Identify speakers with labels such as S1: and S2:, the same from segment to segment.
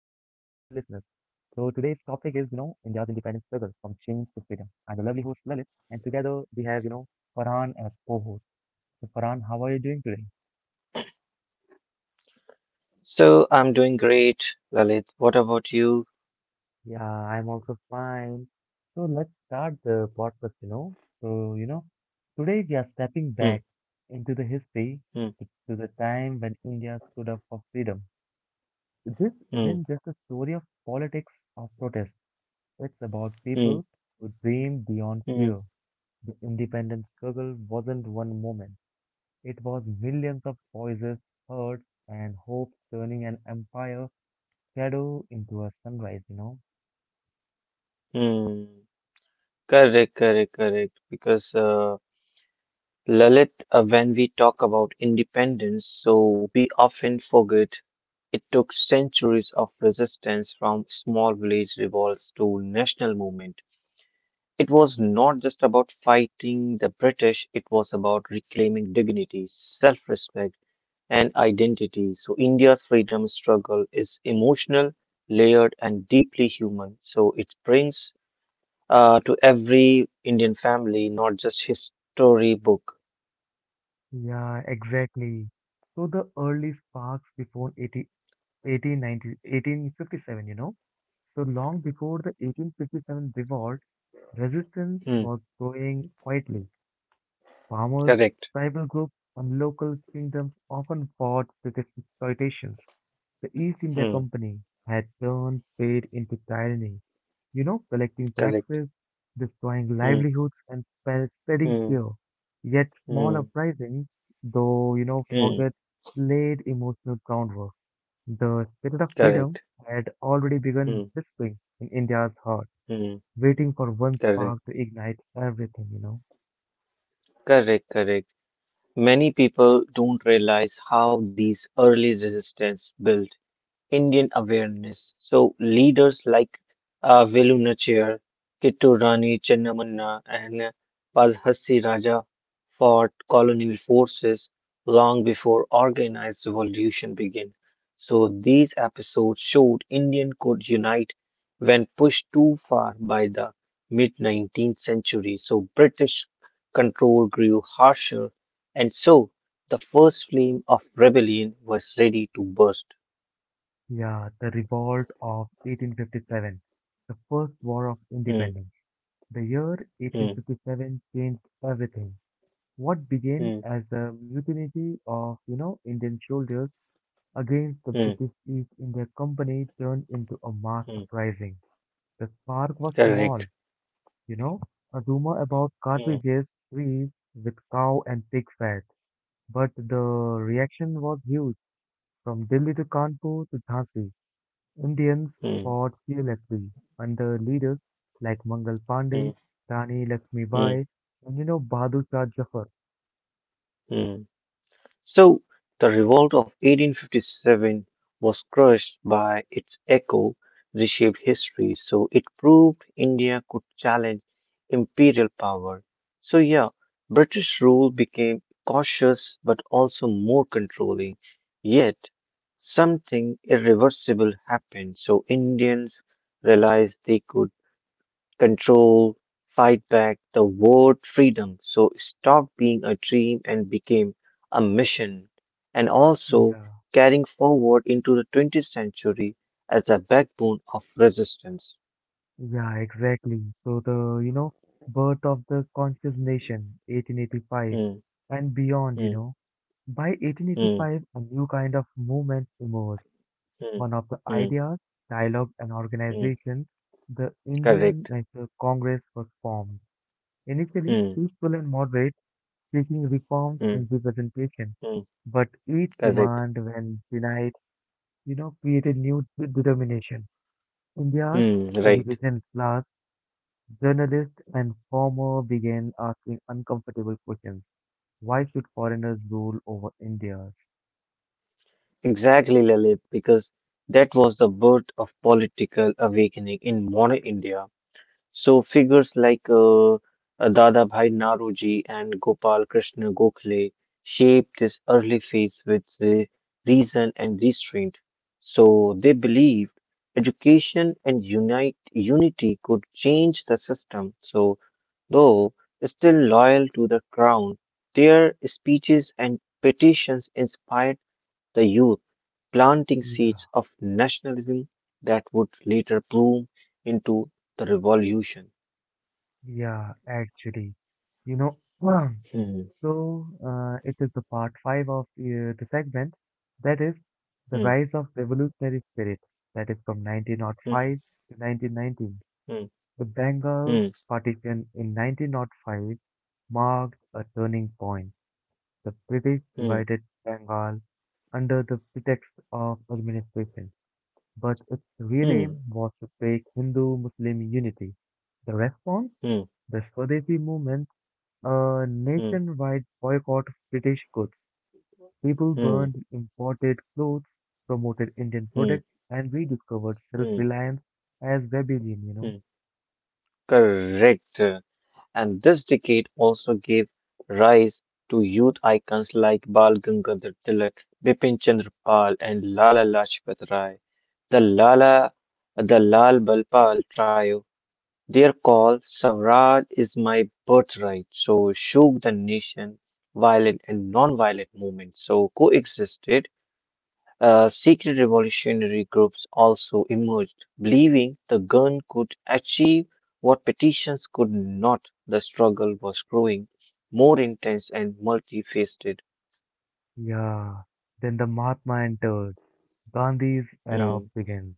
S1: India's independence struggle from chains to freedom. I'm the lovely host Lalit, and together we have, Farhan as co-host. So, Farhan, how are you doing today?
S2: So I'm doing great, Lalit. What about you?
S1: Yeah, I'm also fine. So, let's start the podcast. So, today we are stepping
S2: Hmm,
S1: back into the history
S2: hmm,
S1: to the time when India stood up for freedom. This
S2: hmm,
S1: isn't just a story of politics or protest. It's about
S2: hmm,
S1: people who dream beyond
S2: hmm,
S1: fear. The independence struggle wasn't one moment. It was millions of voices heard and hope turning an empire shadow into a sunrise, you know?
S2: hmm. Correct, correct, correct. Because Lalit, when we talk about independence, so we often forget it took centuries of resistance from small village revolts to national movement. It was not just about fighting the British, it was about reclaiming dignity, self-respect and identity. So, India's freedom struggle is emotional, layered, and deeply human. So, it brings to every Indian family, not just history book.
S1: Yeah, exactly. So the early sparks before 80, 1890, 1857. So long before the 1857 revolt, resistance was
S2: Hmm,
S1: growing quietly. Farmers,
S2: correct.
S1: tribal groups, and local kingdoms often fought with exploitations. The East India
S2: Hmm,
S1: Company had turned trade into tyranny, collecting
S2: correct.
S1: taxes, destroying
S2: Hmm,
S1: livelihoods, and spreading
S2: hmm,
S1: fear. Yet small
S2: hmm,
S1: uprisings, though,
S2: hmm,
S1: forget, laid emotional groundwork. The spirit of
S2: correct.
S1: freedom had already begun
S2: Hmm,
S1: whispering in India's heart,
S2: hmm,
S1: waiting for one spark
S2: correct.
S1: to ignite everything.
S2: Correct, correct. Many people don't realize how these early resistance built Indian awareness. So leaders like Velu Nachiyar, Kittur Rani Chennamma, and Pazhassi Raja fought colonial forces long before organized revolution began. So these episodes showed Indian could unite when pushed too far by the mid 19th century. So British control grew harsher, and so the first flame of rebellion was ready to burst.
S1: Yeah, the Revolt of 1857, the First War of
S2: Hmm.
S1: Independence. The year
S2: Mm,
S1: 1857 changed everything. What began
S2: mm,
S1: as the mutiny of, Indian soldiers against the
S2: mm,
S1: British East India Company turned into a mass
S2: mm.
S1: uprising. The spark was small,
S2: Correct.
S1: you know, a rumor about
S2: Mm,
S1: cartridges, trees with cow and pig fat, but the reaction was huge from Delhi to Kanpur to Jhansi. Indians
S2: mm,
S1: fought fearlessly under leaders like Mangal Pandey,
S2: mm,
S1: Rani
S2: mm,
S1: Lakshmibai, and Bahadur Shah Zafar.
S2: mm. So the revolt of 1857 was crushed by its echo, reshaped history. So it proved India could challenge imperial power. So yeah, British rule became cautious but also more controlling. Yet something irreversible happened. So Indians realized they could control, fight back the word freedom. So stop being a dream and became a mission. And also
S1: Yeah,
S2: carrying forward into the 20th century as a backbone of resistance.
S1: yeah, exactly. So the birth of the conscious nation, 1885,
S2: Hmm,
S1: and beyond.
S2: hmm,
S1: By
S2: hmm,
S1: 1885, a new kind of movement emerged.
S2: hmm,
S1: One of the
S2: hmm,
S1: ideas, dialogue, and
S2: hmm.
S1: organization, the Indian
S2: Correct.
S1: National Congress was formed. Initially
S2: Hmm,
S1: peaceful and moderate, seeking reforms
S2: hmm,
S1: in representation,
S2: hmm.
S1: but each
S2: Correct.
S1: demand, when denied, created new determination. India's
S2: Hmm, right.
S1: education class, journalists, and former began asking uncomfortable questions. Why should foreigners rule over India?
S2: Exactly, Lalit, because that was the birth of political awakening in modern India. So figures like Dadabhai Naroji and Gopal Krishna Gokhale shaped this early phase with the reason and restraint. So they believed education and unite unity could change the system. So though still loyal to the crown, their speeches and petitions inspired the youth, planting seeds
S1: Yeah,
S2: of nationalism that would later bloom into the revolution.
S1: yeah, actually, you know,
S2: Hmm.
S1: so it is the part five of the segment that is the
S2: Hmm.
S1: rise of revolutionary spirit that is from
S2: Hmm.
S1: 1905 to 1919.
S2: Hmm.
S1: The Bengal
S2: Hmm.
S1: partition in 1905 marked a turning point. The British
S2: Hmm.
S1: divided Bengal under the pretext of administration, but its real
S2: Hmm.
S1: aim was to break Hindu-Muslim unity. The response?
S2: Hmm.
S1: The Swadeshi movement, a
S2: Hmm.
S1: nationwide boycott of British goods. People
S2: Hmm.
S1: burned imported clothes, promoted Indian
S2: Hmm.
S1: products, and rediscovered
S2: Mm,
S1: self-reliance as rebellion.
S2: mm. Correct. And this decade also gave rise to youth icons like Bal Gangadhar Tilak, Bipin Chandra Pal, and Lala Lajpat Rai. The Lala, the Lal Balpal trio, their call, Swaraj is my birthright, so shook the nation, violent and non-violent movements, so coexisted. Secret revolutionary groups also emerged, believing the gun could achieve what petitions could not. The struggle was growing more intense and multifaceted.
S1: Yeah. Then the Mahatma entered. Gandhi's era
S2: Hmm,
S1: begins.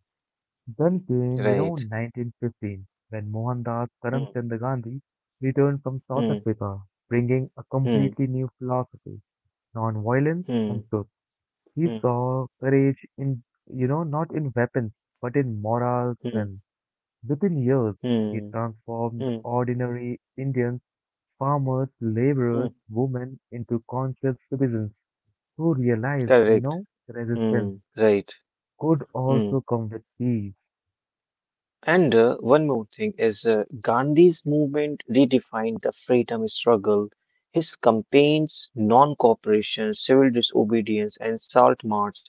S1: Then came,
S2: right.
S1: 1915, when Mohandas
S2: Hmm,
S1: Karamchand Gandhi returned from South
S2: hmm,
S1: Africa, bringing a
S2: hmm,
S1: completely new philosophy, non-violence and
S2: hmm,
S1: truth. He
S2: hmm,
S1: saw courage in, not in weapons, but in moral
S2: hmm,
S1: strength. Within years, he
S2: hmm,
S1: transformed
S2: hmm,
S1: ordinary Indians, farmers, laborers,
S2: hmm,
S1: women into conscious citizens who realized,
S2: correct.
S1: resistance
S2: Hmm, right.
S1: could
S2: Hmm.
S1: also come with peace.
S2: And one more thing is Gandhi's movement redefined the freedom struggle. His campaigns, non cooperation, civil disobedience, and salt march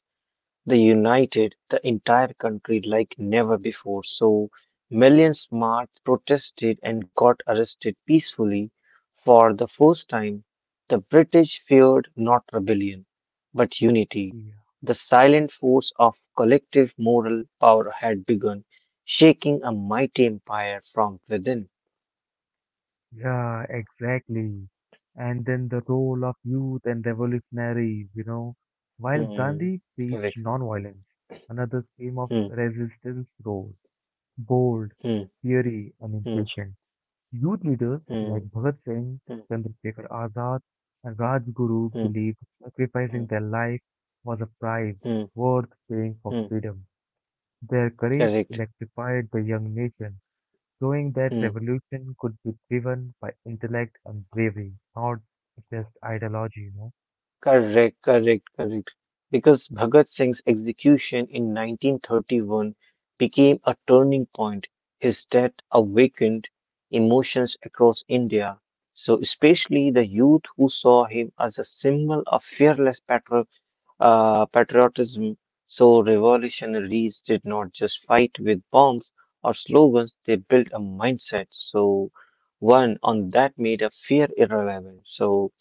S2: they united the entire country like never before. So millions marched, protested, and got arrested peacefully. For the first time, the British feared not rebellion, but unity.
S1: Yeah,
S2: The silent force of collective moral power had begun, shaking a mighty empire from within.
S1: yeah, exactly. And then the role of youth and revolutionaries. While
S2: Hmm.
S1: Gandhi preached
S2: Correct.
S1: nonviolence, another stream of
S2: Hmm.
S1: resistance rose, bold,
S2: Hmm.
S1: fiery, and
S2: Hmm.
S1: impatient. Youth leaders like
S2: Hmm.
S1: Bhagat Singh, Chandrasekhar Azad, and Rajguru
S2: Hmm.
S1: believed
S2: Hmm.
S1: sacrificing their life was a price
S2: Hmm.
S1: worth paying for
S2: Hmm.
S1: freedom. Their courage
S2: Correct.
S1: electrified the young nation showing that
S2: Hmm.
S1: revolution could be driven by intellect and bravery, not just ideology.
S2: Correct, correct, correct. Because Bhagat Singh's execution in 1931 became a turning point. His death awakened emotions across India. So, especially the youth who saw him as a symbol of fearless patriotism. So, revolutionaries did not just fight with bombs or slogans, they built a mindset. So, one on that made a fear irrelevant. So,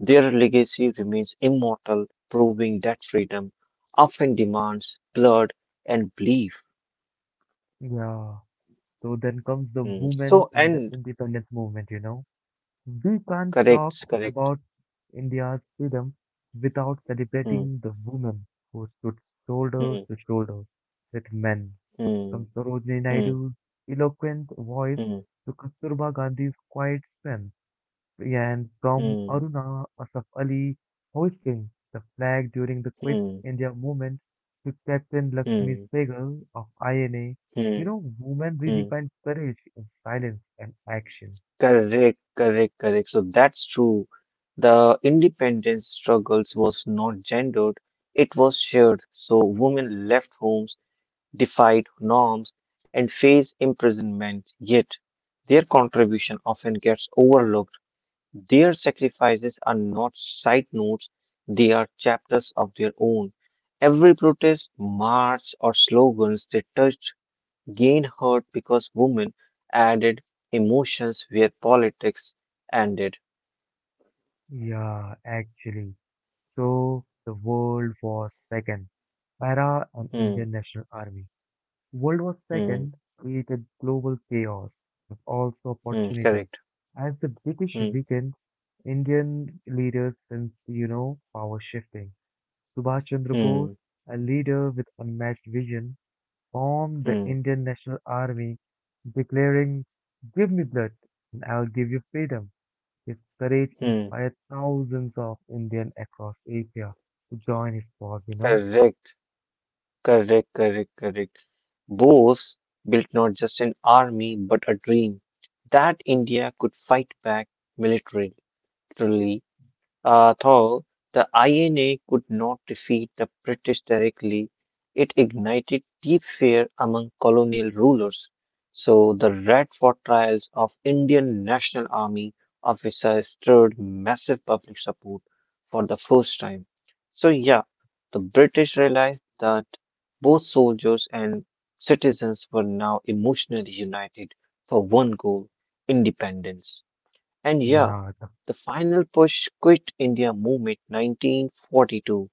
S2: their legacy remains immortal, proving that freedom often demands blood and belief.
S1: Yeah. So then comes the
S2: Mm.
S1: women
S2: So,
S1: in the
S2: and
S1: independence movement. We can't talk
S2: correct, correct.
S1: about India's freedom without
S2: Mm,
S1: celebrating the women who stood shoulders
S2: mm,
S1: to shoulders with men.
S2: mm,
S1: From Sarojini
S2: mm,
S1: Naidu's eloquent voice
S2: mm,
S1: to Kasturba Gandhi's quiet strength, and from
S2: mm,
S1: Aruna Asaf Ali hoisting the flag during the Quit
S2: mm,
S1: India movement to Captain Lakshmi
S2: mm,
S1: Sehgal of INA,
S2: mm,
S1: women
S2: mm.
S1: redefine courage in silence and action.
S2: Correct, correct, correct. So that's true. The independence struggles was not gendered, it was shared. So women left homes defied norms, and face imprisonment, yet their contribution often gets overlooked. Their sacrifices are not side notes, they are chapters of their own. Every protest, march, or slogans they touched gained hurt because women added emotions where politics ended.
S1: Yeah, actually. So the World War Second, Para and Indian
S2: Hmm,
S1: National Army. World War Second
S2: hmm,
S1: created global chaos, but also
S2: hmm,
S1: opportunity.
S2: correct.
S1: As the British
S2: Hmm,
S1: weakened Indian leaders since, power shifting. Subhash Chandra Bose,
S2: hmm,
S1: a leader with unmatched vision, formed the
S2: hmm,
S1: Indian National Army, declaring, Give me blood and I'll give you freedom. His courage
S2: hmm,
S1: inspired thousands of Indians across Asia to join his cause.
S2: correct. Correct, correct, correct. Bose built not just an army, but a dream that India could fight back militarily. Though the INA could not defeat the British directly, it ignited deep fear among colonial rulers. So the Red Fort trials of Indian National Army officers stirred massive public support for the first time. So yeah, the British realized the both soldiers and citizens were now emotionally united for one goal independence. And yeah,
S1: Yeah, the,
S2: the final push quit India movement 1942.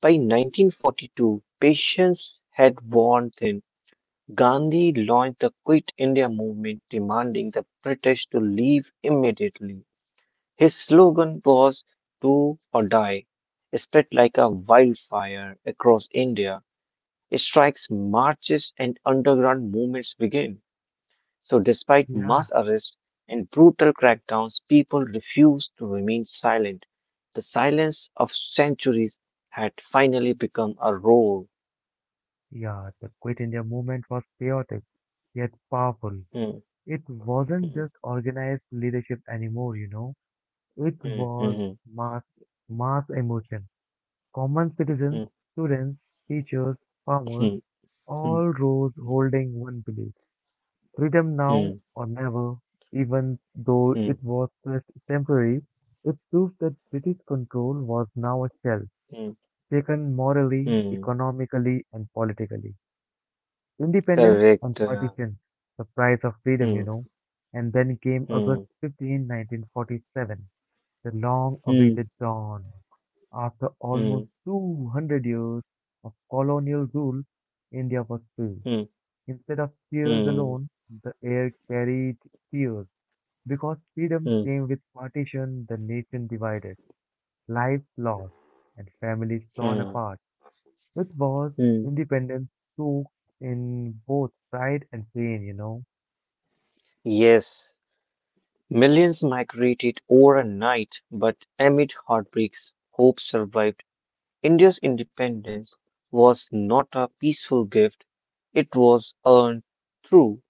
S2: By 1942, patience had worn thin. Gandhi launched the Quit India movement, demanding the British to leave immediately. His slogan was Do or Die, spread like a wildfire across India. Strikes, marches, and underground movements begin. So, despite
S1: yeah,
S2: mass arrests and brutal crackdowns, people refused to remain silent. The silence of centuries had finally become a roar.
S1: yeah, the Quit India movement was chaotic, yet powerful.
S2: Hmm,
S1: It wasn't
S2: hmm,
S1: just organized leadership anymore. It
S2: hmm,
S1: was
S2: hmm,
S1: mass, mass emotion. Common citizens, students, teachers, farmers,
S2: hmm, hmm,
S1: all rose holding one belief. Freedom
S2: hmm, hmm,
S1: now or never, even though
S2: hmm,
S1: it was just temporary, it proved that British control was now a shell,
S2: hmm,
S1: taken morally,
S2: hmm.
S1: economically, and politically. Independence and
S2: Correct.
S1: partition, the price of freedom, you
S2: Hmm,
S1: know. And then came
S2: hmm,
S1: August 15, 1947, the long
S2: hmm,
S1: awaited dawn. After
S2: hmm,
S1: almost 200 years of colonial rule, India was free.
S2: hmm,
S1: Instead of tears
S2: hmm,
S1: alone, the air carried tears. Because freedom
S2: hmm,
S1: came with partition, the nation divided, lives lost, and families torn
S2: hmm.
S1: apart. It was
S2: Hmm.
S1: independence soaked in both pride and pain.
S2: Yes, millions migrated overnight, but amid heartbreaks, hope survived. India's independence was not a peaceful gift, it was earned through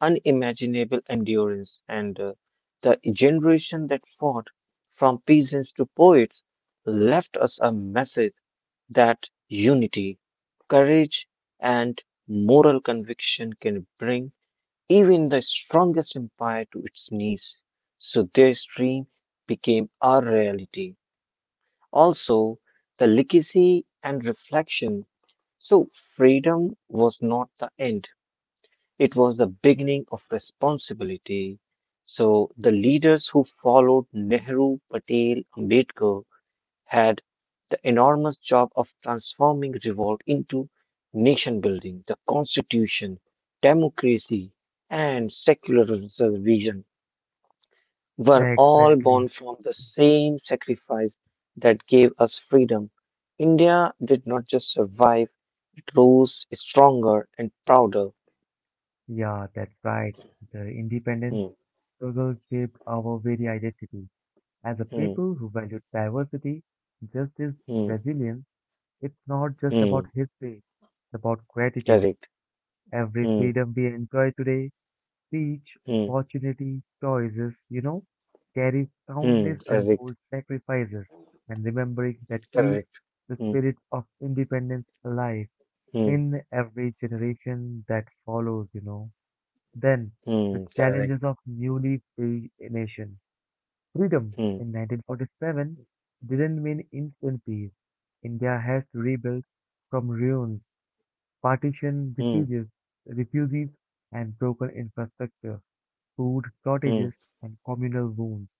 S2: unimaginable endurance. And the generation that fought, from peasants to poets, left us a message that unity, courage, and moral conviction can bring even the strongest empire to its knees. So their dream became our reality. Also, the legacy and reflection. So freedom was not the end, it was the beginning of responsibility. So the leaders who followed Nehru, Patel, Ambedkar had the enormous job of transforming revolt into nation building, the constitution, democracy, and secularism vision were all born
S1: Exactly.
S2: from the same sacrifice that gave us freedom. India did not just survive, it rose stronger and prouder.
S1: Yeah, that's right. The independence
S2: Hmm,
S1: struggle shaped our very identity. As a
S2: hmm,
S1: people who value diversity, justice, and
S2: hmm,
S1: resilience, it's not just
S2: hmm,
S1: about history, it's about gratitude.
S2: correct.
S1: Every
S2: Hmm,
S1: freedom we enjoy today, speech,
S2: hmm,
S1: opportunity, choices, carries
S2: hmm,
S1: countless
S2: correct,
S1: untold sacrifices, and remembering that keeps
S2: correct.
S1: the
S2: Hmm,
S1: spirit of independence alive
S2: hmm,
S1: in every generation that follows. Then, the
S2: hmm, correct.
S1: challenges of newly free nation. Freedom
S2: Hmm,
S1: in 1947 didn't mean instant peace. India has to rebuild from ruins, partition
S2: hmm,
S1: refugees, refugees and broken infrastructure, food
S2: hmm,
S1: shortages, and communal wounds.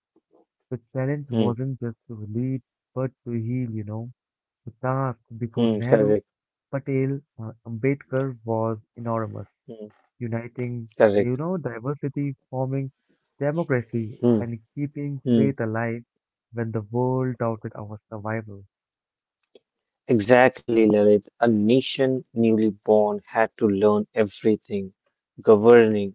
S1: The challenge
S2: hmm,
S1: wasn't just to lead, but to heal. The task before
S2: hmm, correct.
S1: Nehru, Patel, and Ambedkar was enormous
S2: Hmm,
S1: uniting,
S2: correct.
S1: diversity, forming democracy,
S2: Hmm,
S1: and keeping
S2: hmm.
S1: faith alive when the world doubted our survival.
S2: Exactly, Lalit. A nation newly born had to learn everything governing,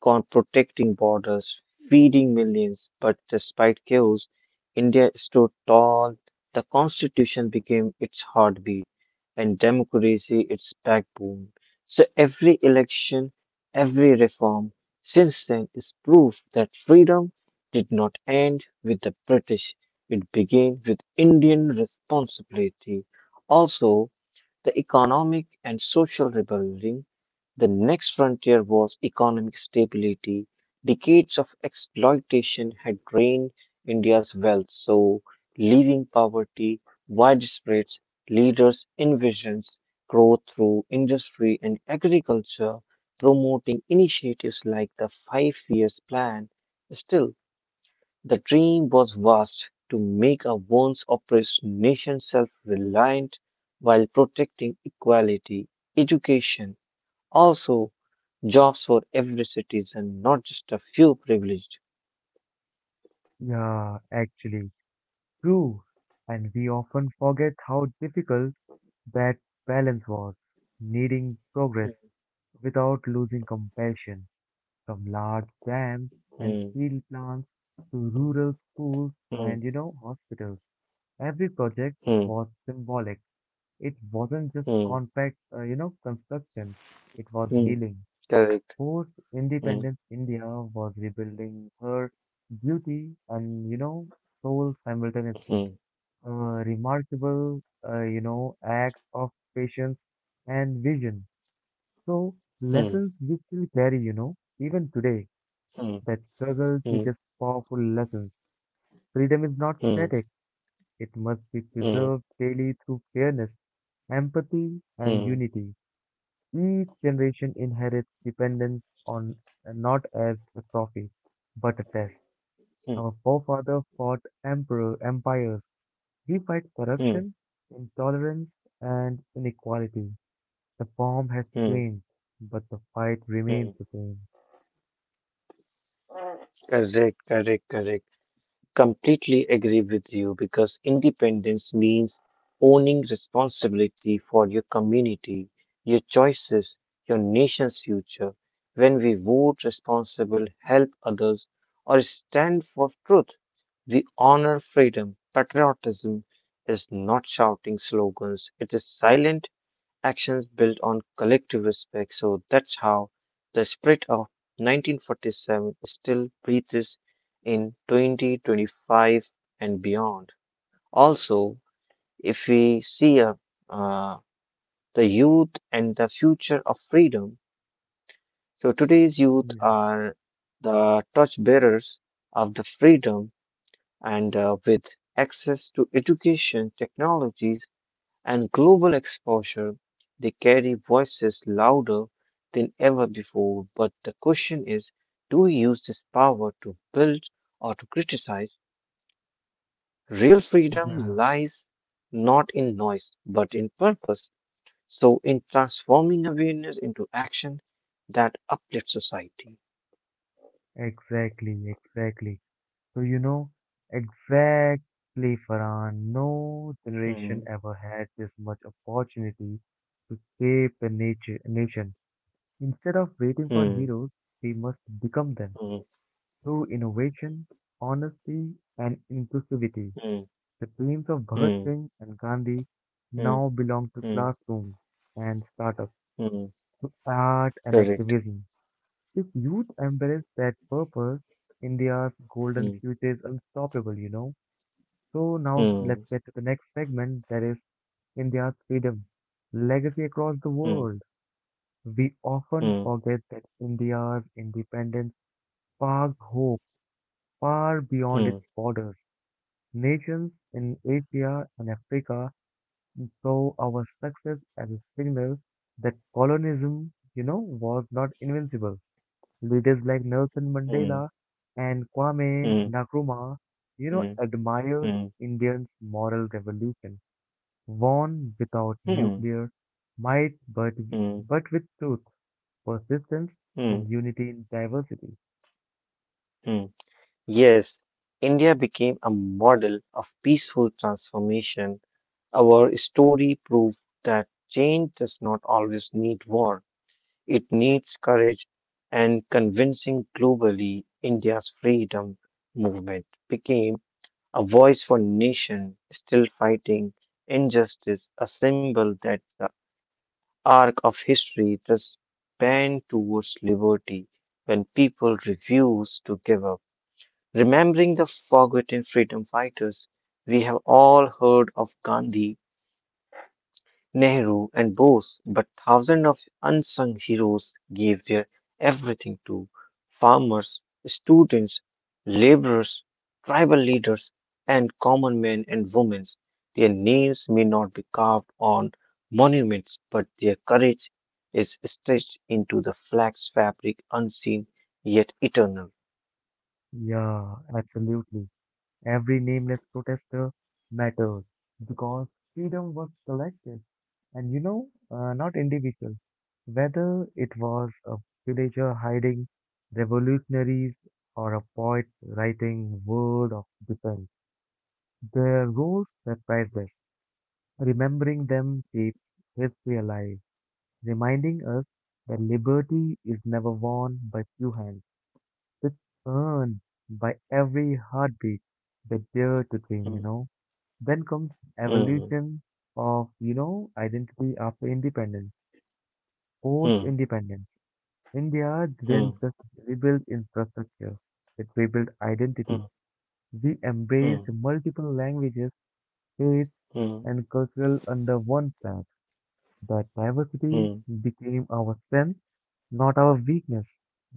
S2: protecting borders, feeding millions. But despite chaos, India stood tall. The constitution became its heartbeat and democracy its backbone. So every election, every reform since then is proof that freedom did not end with the British. It began with Indian responsibility. Also, the economic and social rebuilding, the next frontier was economic stability. Decades of exploitation had drained India's wealth, so leaving poverty widespread, leaders envisioned growth through industry and agriculture, promoting initiatives like the Five Years Plan. Still, the dream was vast to make a once oppressed nation self reliant while protecting equality, education, also jobs for every citizen, not just a few privileged.
S1: Yeah, actually, true. And we often forget how difficult that balance was, needing progress
S2: Mm,
S1: without losing compassion, from large dams and
S2: mm,
S1: steel plants to rural schools
S2: mm,
S1: and, hospitals. Every project was symbolic. It wasn't just
S2: mm,
S1: compact, construction. It was
S2: mm,
S1: healing.
S2: correct.
S1: Post
S2: Mm,
S1: independence India was rebuilding her beauty and, soul simultaneously.
S2: mm,
S1: A remarkable, act of patience and vision. So,
S2: mm,
S1: lessons we still carry, even today,
S2: mm,
S1: that struggle
S2: mm,
S1: teaches powerful lessons. Freedom is not
S2: mm,
S1: static. It must be
S2: mm,
S1: preserved daily through fairness, empathy, and
S2: mm,
S1: unity. Each generation inherits dependence on not as a trophy, but a test.
S2: mm,
S1: Our forefathers fought emperor empires. We fight
S2: mm,
S1: corruption, intolerance, and inequality. The form has
S2: mm,
S1: changed, but the fight remains
S2: mm.
S1: the same.
S2: Correct, correct, correct. Completely agree with you because independence means owning responsibility for your community, your choices, your nation's future. When we vote responsible, help others, or stand for truth, we honor freedom. Patriotism is not shouting slogans, it is silent actions built on collective respect. So that's how the spirit of 1947 still breathes in 2025 and beyond. Also, if we see uh, the youth and the future of freedom, so today's youth
S1: Yeah,
S2: are the torchbearers of the freedom and with access to education, technologies, and global exposure, they carry voices louder than ever before. But the question is, do we use this power to build or to criticize? Real freedom
S1: yeah,
S2: lies not in noise, but in purpose. So, in transforming awareness into action that uplifts society.
S1: exactly, exactly. So exactly, Farhan. No generation
S2: Hmm,
S1: ever had this much opportunity to shape the nature nation. Instead of waiting for
S2: hmm,
S1: heroes, we must become them
S2: hmm,
S1: through innovation, honesty, and inclusivity.
S2: hmm,
S1: The dreams of Bhagat
S2: hmm,
S1: Singh and Gandhi
S2: hmm,
S1: now belong to
S2: hmm,
S1: classrooms and startups,
S2: hmm.
S1: to art and
S2: Correct.
S1: activism. If youth embrace that purpose, India's golden
S2: Hmm,
S1: future is unstoppable. So now let's
S2: hmm,
S1: get to the next segment that is India's freedom, legacy across the
S2: hmm,
S1: world. We often
S2: hmm,
S1: forget that India's independence sparked hope far
S2: hmm,
S1: beyond its borders. Nations in Asia and Africa saw our success as a signal that colonialism, was not invincible. Leaders like Nelson
S2: hmm,
S1: Mandela and Kwame
S2: hmm.
S1: Nkrumah,
S2: Hmm.
S1: admired
S2: Mm,
S1: Indians' moral revolution, won without
S2: mm,
S1: nuclear might, but
S2: mm,
S1: with truth, persistence, and
S2: mm,
S1: unity in diversity.
S2: mm. Yes, India became a model of peaceful transformation. Our story proved that change does not always need war. It needs courage and convincing. Globally, India's freedom movement became a voice for nation still fighting injustice, a symbol that the arc of history the span towards liberty when people refuse to give up. Remembering the forgotten freedom fighters, we have all heard of Gandhi, Nehru, and Bose, but thousands of unsung heroes gave their everything to farmers, students, laborers, tribal leaders, and common men and women. Their names may not be carved on monuments, but their courage is stretched into the flax fabric, unseen yet eternal.
S1: Yeah, absolutely. Every nameless protester mattered because freedom was collective and, not individual. Whether it was a villager hiding revolutionaries or a poet writing word of defense, their roles were priceless. Remembering them keeps history alive, reminding us that liberty is never won by few hands. It's earned by every heartbeat they dare to dream, you
S2: Hmm,
S1: know. Then comes
S2: hmm,
S1: evolution of, identity after independence,
S2: hmm,
S1: post-independence. India didn't
S2: hmm,
S1: just rebuild infrastructure, it rebuilt identity.
S2: hmm,
S1: We embraced
S2: hmm,
S1: multiple languages, faiths,
S2: hmm,
S1: and cultural under one flag. That diversity
S2: hmm,
S1: became our strength, not our weakness.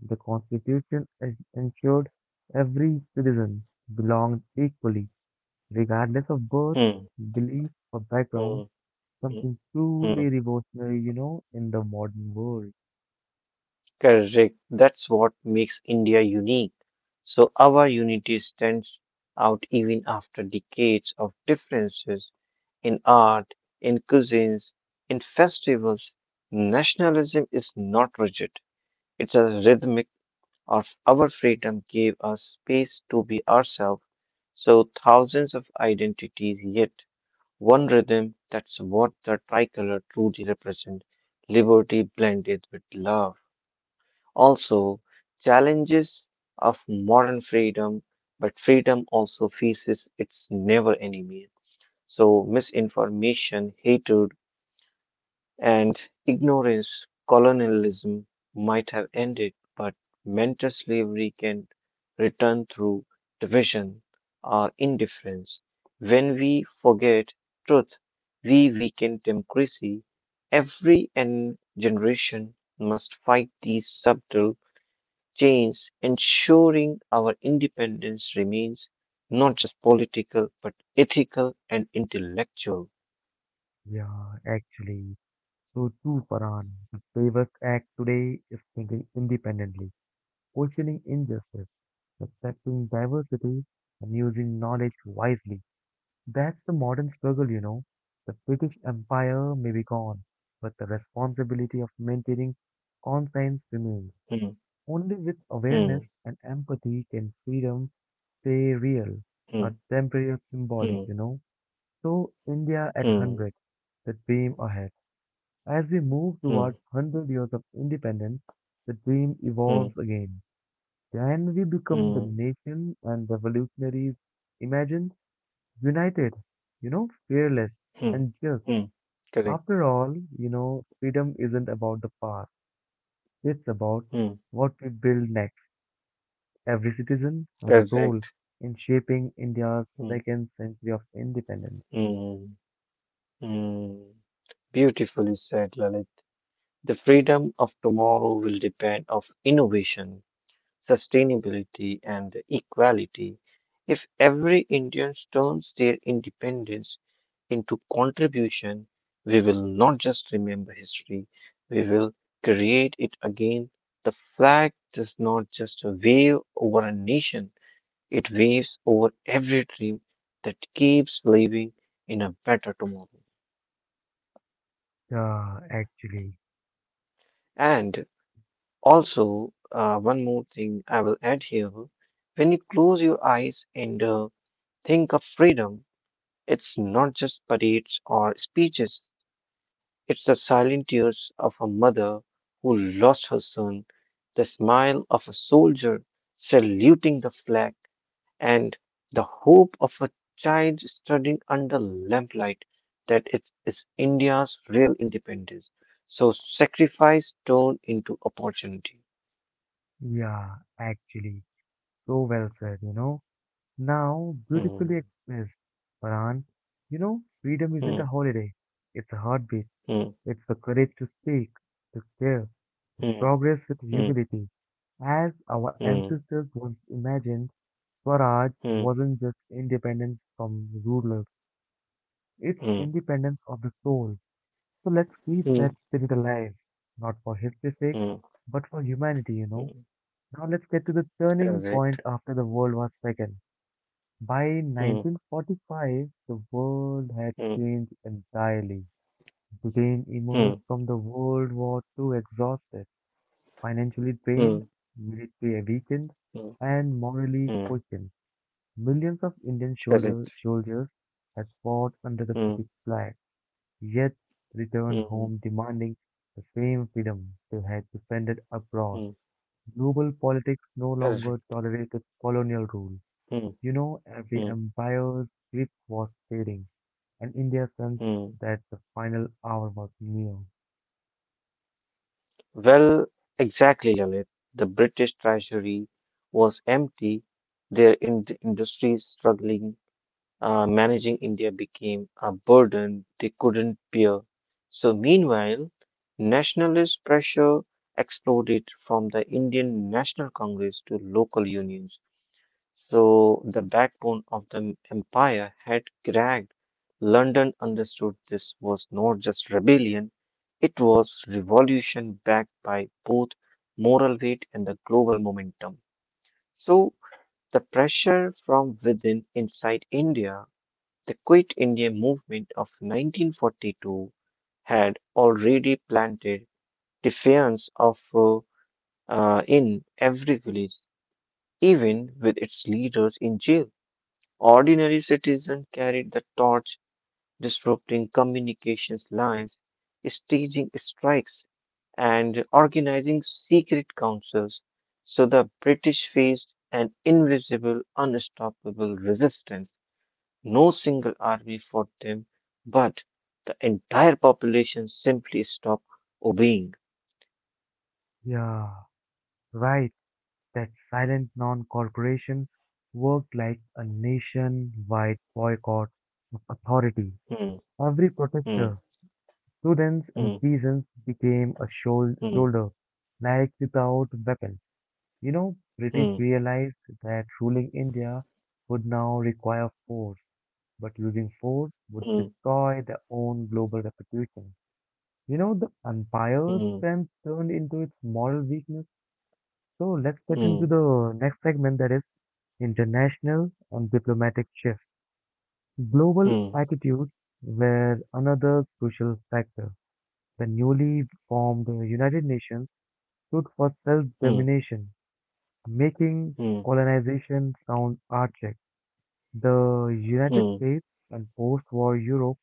S1: The constitution ensured every citizen belonged equally, regardless of birth,
S2: hmm,
S1: belief, or
S2: hmm,
S1: background.
S2: hmm,
S1: Something
S2: hmm.
S1: truly revolutionary, in the modern world.
S2: Correct. That's what makes India unique. So our unity stands out even after decades of differences, in art, in cuisines, in festivals. Nationalism is not rigid, it's a rhythmic of our freedom gave us space to be ourselves. So thousands of identities, yet one rhythm that's what the tricolor truly represents liberty blended with love. Also, challenges of modern freedom, but freedom also faces its never enemy. So misinformation, hatred, and ignorance colonialism might have ended, but mental slavery can return through division or indifference. When we forget truth, we weaken democracy. Every and generation must fight these subtle chains, ensuring our independence remains not just political but ethical and intellectual.
S1: Yeah, actually. So too, Farhan, the bravest act today is thinking independently, questioning injustice, respecting diversity, and using knowledge wisely. That's the modern struggle. The British Empire may be gone, but the responsibility of maintaining conscience remains.
S2: Hmm,
S1: Only with
S2: hmm,
S1: awareness and empathy can freedom stay real,
S2: hmm,
S1: not temporary or symbolic,
S2: hmm,
S1: you know. So India at
S2: hmm,
S1: 100, the dream ahead. As we move towards
S2: hmm.
S1: 100 years of independence, the dream
S2: Mm,
S1: evolves again. Can we become the
S2: mm,
S1: nation and revolutionaries imagined? United, fearless
S2: mm,
S1: and just.
S2: mm. Correct.
S1: After all, freedom isn't about the past. It's about
S2: Mm,
S1: what we build next. Every citizen has a
S2: correct.
S1: role in shaping India's
S2: Mm,
S1: second century of independence.
S2: mm, mm. Beautifully said, Lalit. The freedom of tomorrow will depend of innovation, sustainability, and equality. If every Indian turns their independence into contribution, we will not just remember history, we will create it again. The flag does not just wave over a nation. It waves over every dream that keeps believing in a better tomorrow.
S1: Yeah, actually.
S2: And also, one more thing I will add here. When you close your eyes and think of freedom, it's not just parades or speeches, it's the silent tears of a mother who lost her son, the smile of a soldier saluting the flag, and the hope of a child studying under lamplight that it is India's real independence. So sacrifice turned into opportunity.
S1: Yeah, actually, so well said, Now, beautifully
S2: Hmm,
S1: expressed, Farhan. Freedom isn't a
S2: hmm,
S1: holiday, it's a heartbeat,
S2: hmm,
S1: it's the courage to speak, to share, to
S2: hmm,
S1: progress with
S2: hmm,
S1: humility. As our
S2: hmm,
S1: ancestors once imagined, Swaraj
S2: hmm,
S1: wasn't just independence from rulers, it's
S2: hmm,
S1: independence of the soul. So let's keep
S2: hmm,
S1: that spirit alive, not for history's sake,
S2: hmm,
S1: but for humanity.
S2: hmm.
S1: Now let's get to the turning
S2: Correct.
S1: point after the World War II. By
S2: Hmm,
S1: 1945, the world had
S2: hmm,
S1: changed entirely. Britain
S2: hmm,
S1: emerged from the World War II exhausted, financially
S2: hmm,
S1: drained, military weakened,
S2: hmm,
S1: and morally
S2: hmm.
S1: questioned. Millions of
S2: Correct.
S1: soldiers had fought under the
S2: Hmm,
S1: British flag, yet returned
S2: hmm,
S1: home demanding the same freedom they had defended abroad.
S2: hmm.
S1: Global politics no longer
S2: Correct.
S1: tolerated colonial rule.
S2: Hmm,
S1: You know, every
S2: hmm,
S1: empire's grip was fading, and India sensed
S2: hmm.
S1: that the final hour was near.
S2: Well, exactly, Lalit. The British treasury was empty, their in industries struggling, managing India became a burden they couldn't bear. So, meanwhile, nationalist pressure exploded from the Indian National Congress to local unions. So the backbone of the empire had cracked. London understood this was not just rebellion, it was revolution backed by both moral weight and the global momentum. So the pressure from within inside India, the Quit India movement of 1942 had already planted defiance of in every village, even with its leaders in jail. Ordinary citizens carried the torch, disrupting communications lines, staging strikes, and organizing secret councils. So the British faced an invisible, unstoppable resistance. No single army fought them, but the entire population simply stopped obeying.
S1: Yeah, right, that silent non cooperation worked like a nation-wide boycott of authority.
S2: Hmm,
S1: Every
S2: hmm,
S1: protester, students and
S2: hmm,
S1: peasants became a
S2: hmm,
S1: shoulder, like without weapons. You know, British
S2: hmm,
S1: realized that ruling India would now require force, but using force would
S2: hmm,
S1: destroy their own global reputation. You know, the empire's
S2: hmm,
S1: strength turned into its moral weakness. So let's get into
S2: hmm,
S1: the next segment, that is international and diplomatic shift. Global
S2: hmm,
S1: attitudes were another crucial factor. The newly formed United Nations stood for
S2: hmm,
S1: self-determination, making
S2: hmm,
S1: colonization sound archaic. The United
S2: hmm,
S1: States and post-war Europe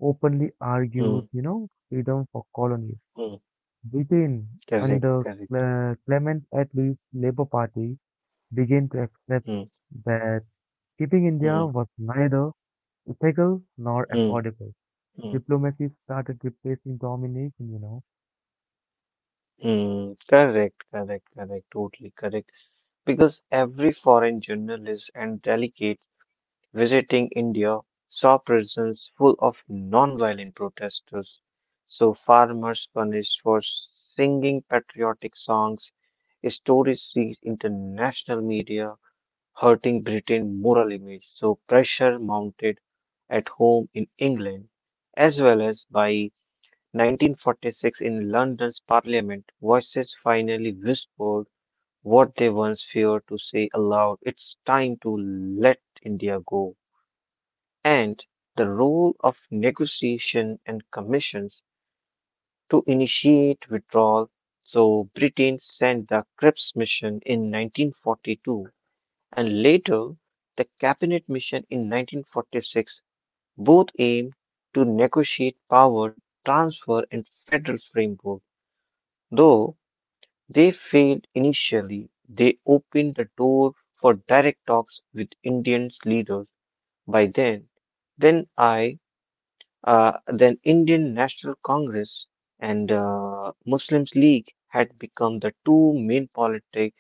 S1: openly argued,
S2: hmm,
S1: you know, freedom for colonies.
S2: hmm.
S1: Britain,
S2: Correct,
S1: under
S2: correct.
S1: Clement Attlee's Labour Party, began to accept
S2: Mm,
S1: that keeping India
S2: mm,
S1: was neither ethical nor
S2: mm,
S1: affordable.
S2: mm,
S1: Diplomacy started replacing domination.
S2: mm. Correct, correct, correct. Totally correct. Because every foreign journalist and delegate visiting India saw prisons full of non-violent protesters. So farmers punished for singing patriotic songs. Stories reached international media, hurting Britain's moral image. So pressure mounted at home in England as well as by 1946 in London's Parliament, voices finally whispered what they once feared to say aloud. It's time to let India go. And the role of negotiation and commissions to initiate withdrawal. So Britain sent the Cripps mission in 1942 and later the Cabinet mission in 1946, both aimed to negotiate power transfer and federal framework. Though they failed initially. They opened the door for direct talks with Indian leaders by then. Then I, then Indian National Congress and Muslims League had become the two main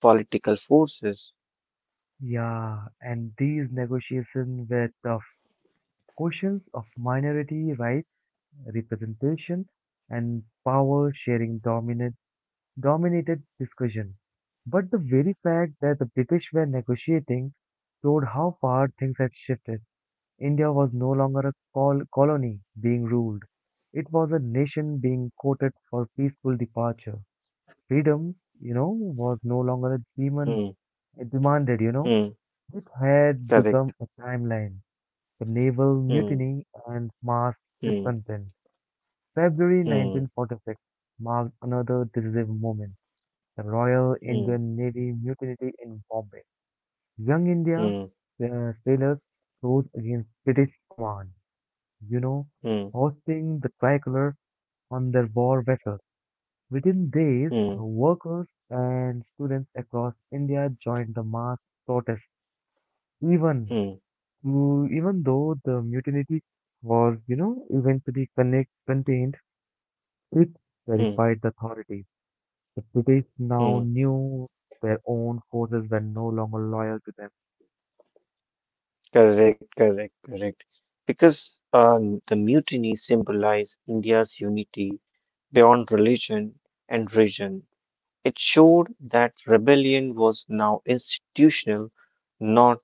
S2: political forces.
S1: Yeah, and these negotiations were tough. Questions of minority rights, representation, and power dominated discussion. But the very fact that the British were negotiating showed how far things had shifted. India was no longer a colony being ruled. It was a nation being courted for peaceful departure. Freedoms, you know, was no longer a demon
S2: Hmm,
S1: demanded.
S2: hmm,
S1: It had
S2: correct.
S1: become a timeline, the naval
S2: Hmm,
S1: mutiny and mass
S2: hmm,
S1: discontent. February
S2: hmm,
S1: 1946 marked another decisive moment. The Royal
S2: hmm,
S1: Indian Navy mutinied in Bombay. Young India
S2: hmm,
S1: sailors rose against British command, you know,
S2: hmm,
S1: hoisting the tricolor on their war vessels. Within days,
S2: hmm,
S1: workers and students across India joined the mass protest. Even
S2: hmm,
S1: even though the mutiny was, you know, contained, it
S2: hmm.
S1: terrified the authorities. The British
S2: Hmm.
S1: now knew their own forces were no longer loyal to them.
S2: Correct, correct, correct. Because the mutiny symbolized India's unity beyond religion and region. It showed that rebellion was now institutional, not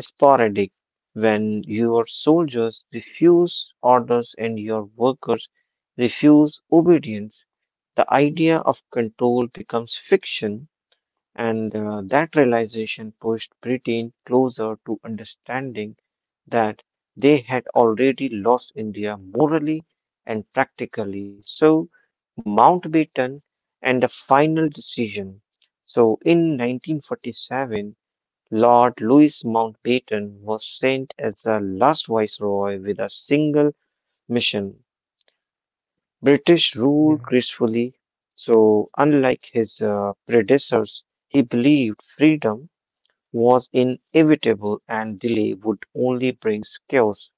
S2: sporadic. When your soldiers refuse orders and your workers refuse obedience, the idea of control becomes fiction and that realization pushed Britain closer to understanding that they had already lost India morally and practically. So, Mountbatten and the final decision. So, in 1947, Lord Louis Mountbatten was sent as the last viceroy with a single mission. British rule
S1: Yeah.
S2: gracefully, so unlike his predecessors, he believed freedom was inevitable and delay would only bring chaos.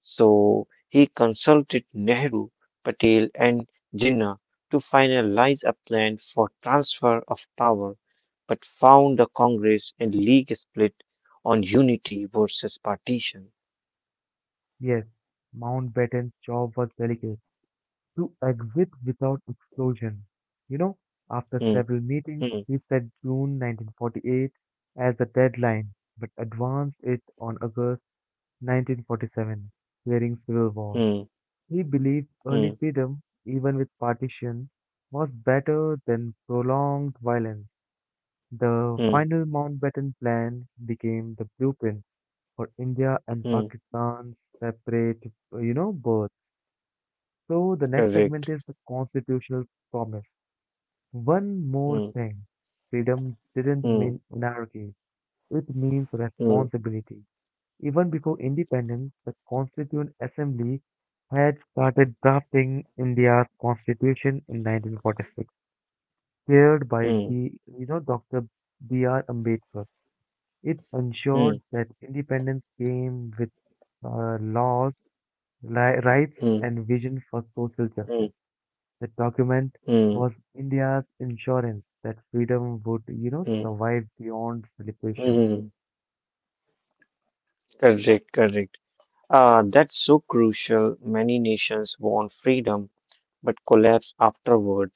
S2: So he consulted Nehru, Patel, and Jinnah to finalize a plan for transfer of power, but found the Congress and League split on unity versus partition.
S1: Yes, Mountbatten's job was delicate, to exit without explosion. You know, after
S2: Hmm,
S1: several meetings,
S2: hmm,
S1: he set June 1948 as the deadline, but advanced it on August 1947, clearing civil war.
S2: hmm,
S1: He believed
S2: hmm,
S1: early freedom, even with partition, was better than prolonged violence. The
S2: hmm,
S1: final Mountbatten Plan became the blueprint for India and
S2: hmm,
S1: Pakistan's separate, birth. So the next
S2: correct.
S1: segment is the constitutional promise. One more
S2: Hmm,
S1: thing. Freedom didn't
S2: hmm,
S1: mean anarchy. It means
S2: hmm,
S1: responsibility. Even before independence, the Constituent Assembly had started drafting India's constitution in 1946, chaired by
S2: hmm,
S1: Dr. B.R. Ambedkar. It ensured
S2: hmm,
S1: that independence came with laws, rights,
S2: hmm,
S1: and vision for social
S2: hmm,
S1: justice. The document
S2: hmm,
S1: was India's insurance that freedom would
S2: hmm,
S1: survive beyond celebration.
S2: hmm, hmm, correct, correct. Ah, that's so crucial. Many nations want freedom but collapse afterward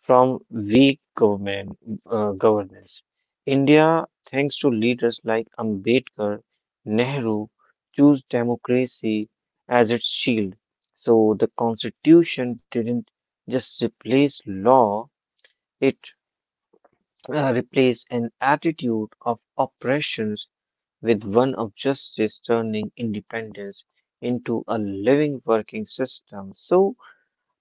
S2: from weak government governance. India, thanks to leaders like Ambedkar, Nehru, chose democracy as its shield. So the constitution didn't just replace law; it replaced an attitude of oppression with one of justice turning independence into a living working system. So,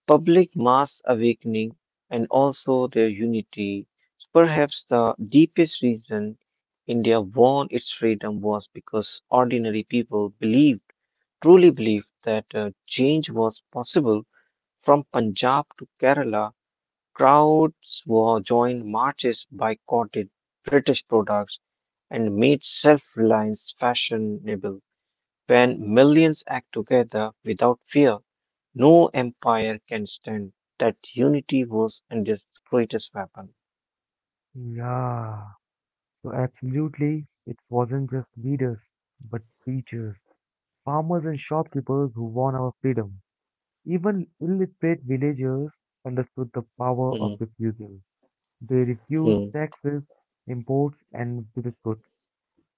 S2: public mass awakening and also their unity is perhaps the deepest reason India won its freedom was because ordinary people believed, truly believed that change was possible from Punjab to Kerala. Crowds were joined marches boycotted British products and made self-reliance fashionable. When millions act together without fear, no empire can stand. That unity was India's greatest weapon.
S1: Yeah. So absolutely, it wasn't just leaders, but teachers, farmers and shopkeepers who won our freedom. Even illiterate villagers understood the power of
S2: Hmm,
S1: refusal. They refused
S2: hmm,
S1: taxes, imports and british goods.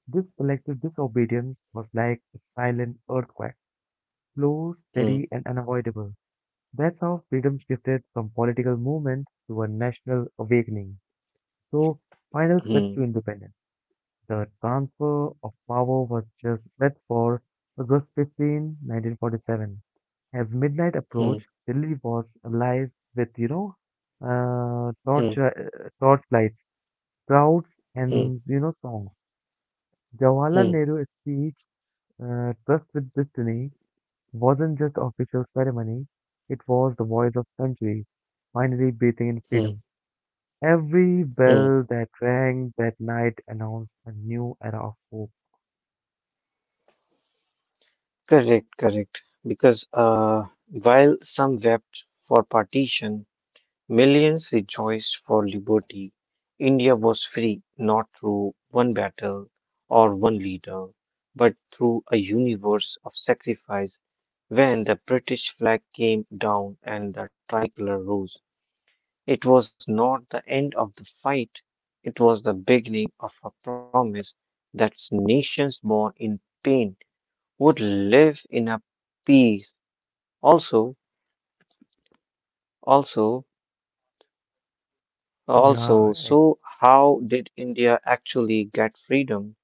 S1: This collective disobedience was like a silent earthquake, slow, steady
S2: hmm,
S1: and unavoidable. That's how freedom shifted from political movement to a national awakening. So, final steps
S2: hmm,
S1: to independence. The transfer of power was just set for August 15, 1947. As midnight
S2: hmm,
S1: approached, Delhi was alive withuh,
S2: hmm,
S1: torch, uh, torchlights, crowds,
S2: hmm,
S1: and songs. Jawaharlal
S2: hmm,
S1: Nehru's speech, Trust with Destiny, wasn't just official ceremony, it was the voice of centuries, finally breathing in
S2: hmm,
S1: freedom. Every
S2: hmm.
S1: bell that rang that night announced a new era of hope.
S2: Correct, correct. Because while some wept for partition, millions rejoiced for liberty. India was free not through one battle or one leader, but through a universe of sacrifice. When the British flag came down and the tricolor rose, it was not the end of the fight, it was the beginning of a promise that nations born in pain would live in a peace. Also, also,
S1: Yeah,
S2: Also,
S1: ac-
S2: so how did India actually get freedom?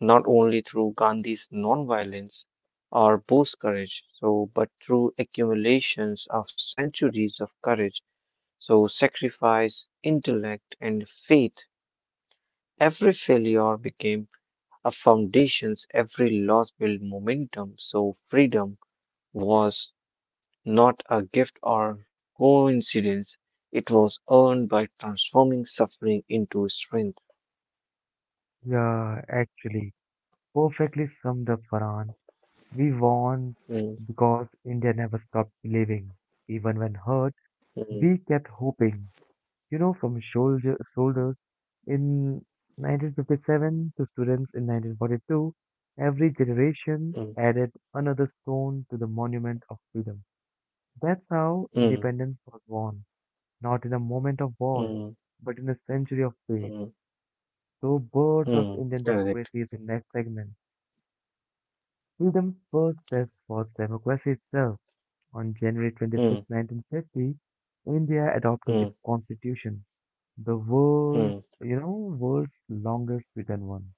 S2: Not only through Gandhi's nonviolence or Bose courage, so but through accumulations of centuries of courage, so sacrifice, intellect, and faith. Every failure became a foundation, every loss built momentum. So freedom was not a gift or coincidence. It was earned by transforming suffering into strength.
S1: yeah, actually, perfectly summed up, Farhan. We won
S2: Mm.
S1: because India never stopped believing. Even when hurt,
S2: Mm,
S1: we kept hoping. You know, from soldiers in 1957 to students in 1942, every generation
S2: mm,
S1: added another stone to the monument of freedom. That's how
S2: mm,
S1: independence was won, not in a moment of war,
S2: mm,
S1: but in a century of faith.
S2: mm,
S1: So, birth of
S2: mm.
S1: Indian
S2: Correct.
S1: democracy is the next segment. Freedom's first test was democracy itself. On January
S2: Mm,
S1: 26, 1950, India adopted its
S2: mm,
S1: constitution, the
S2: mm,
S1: world's longest written one.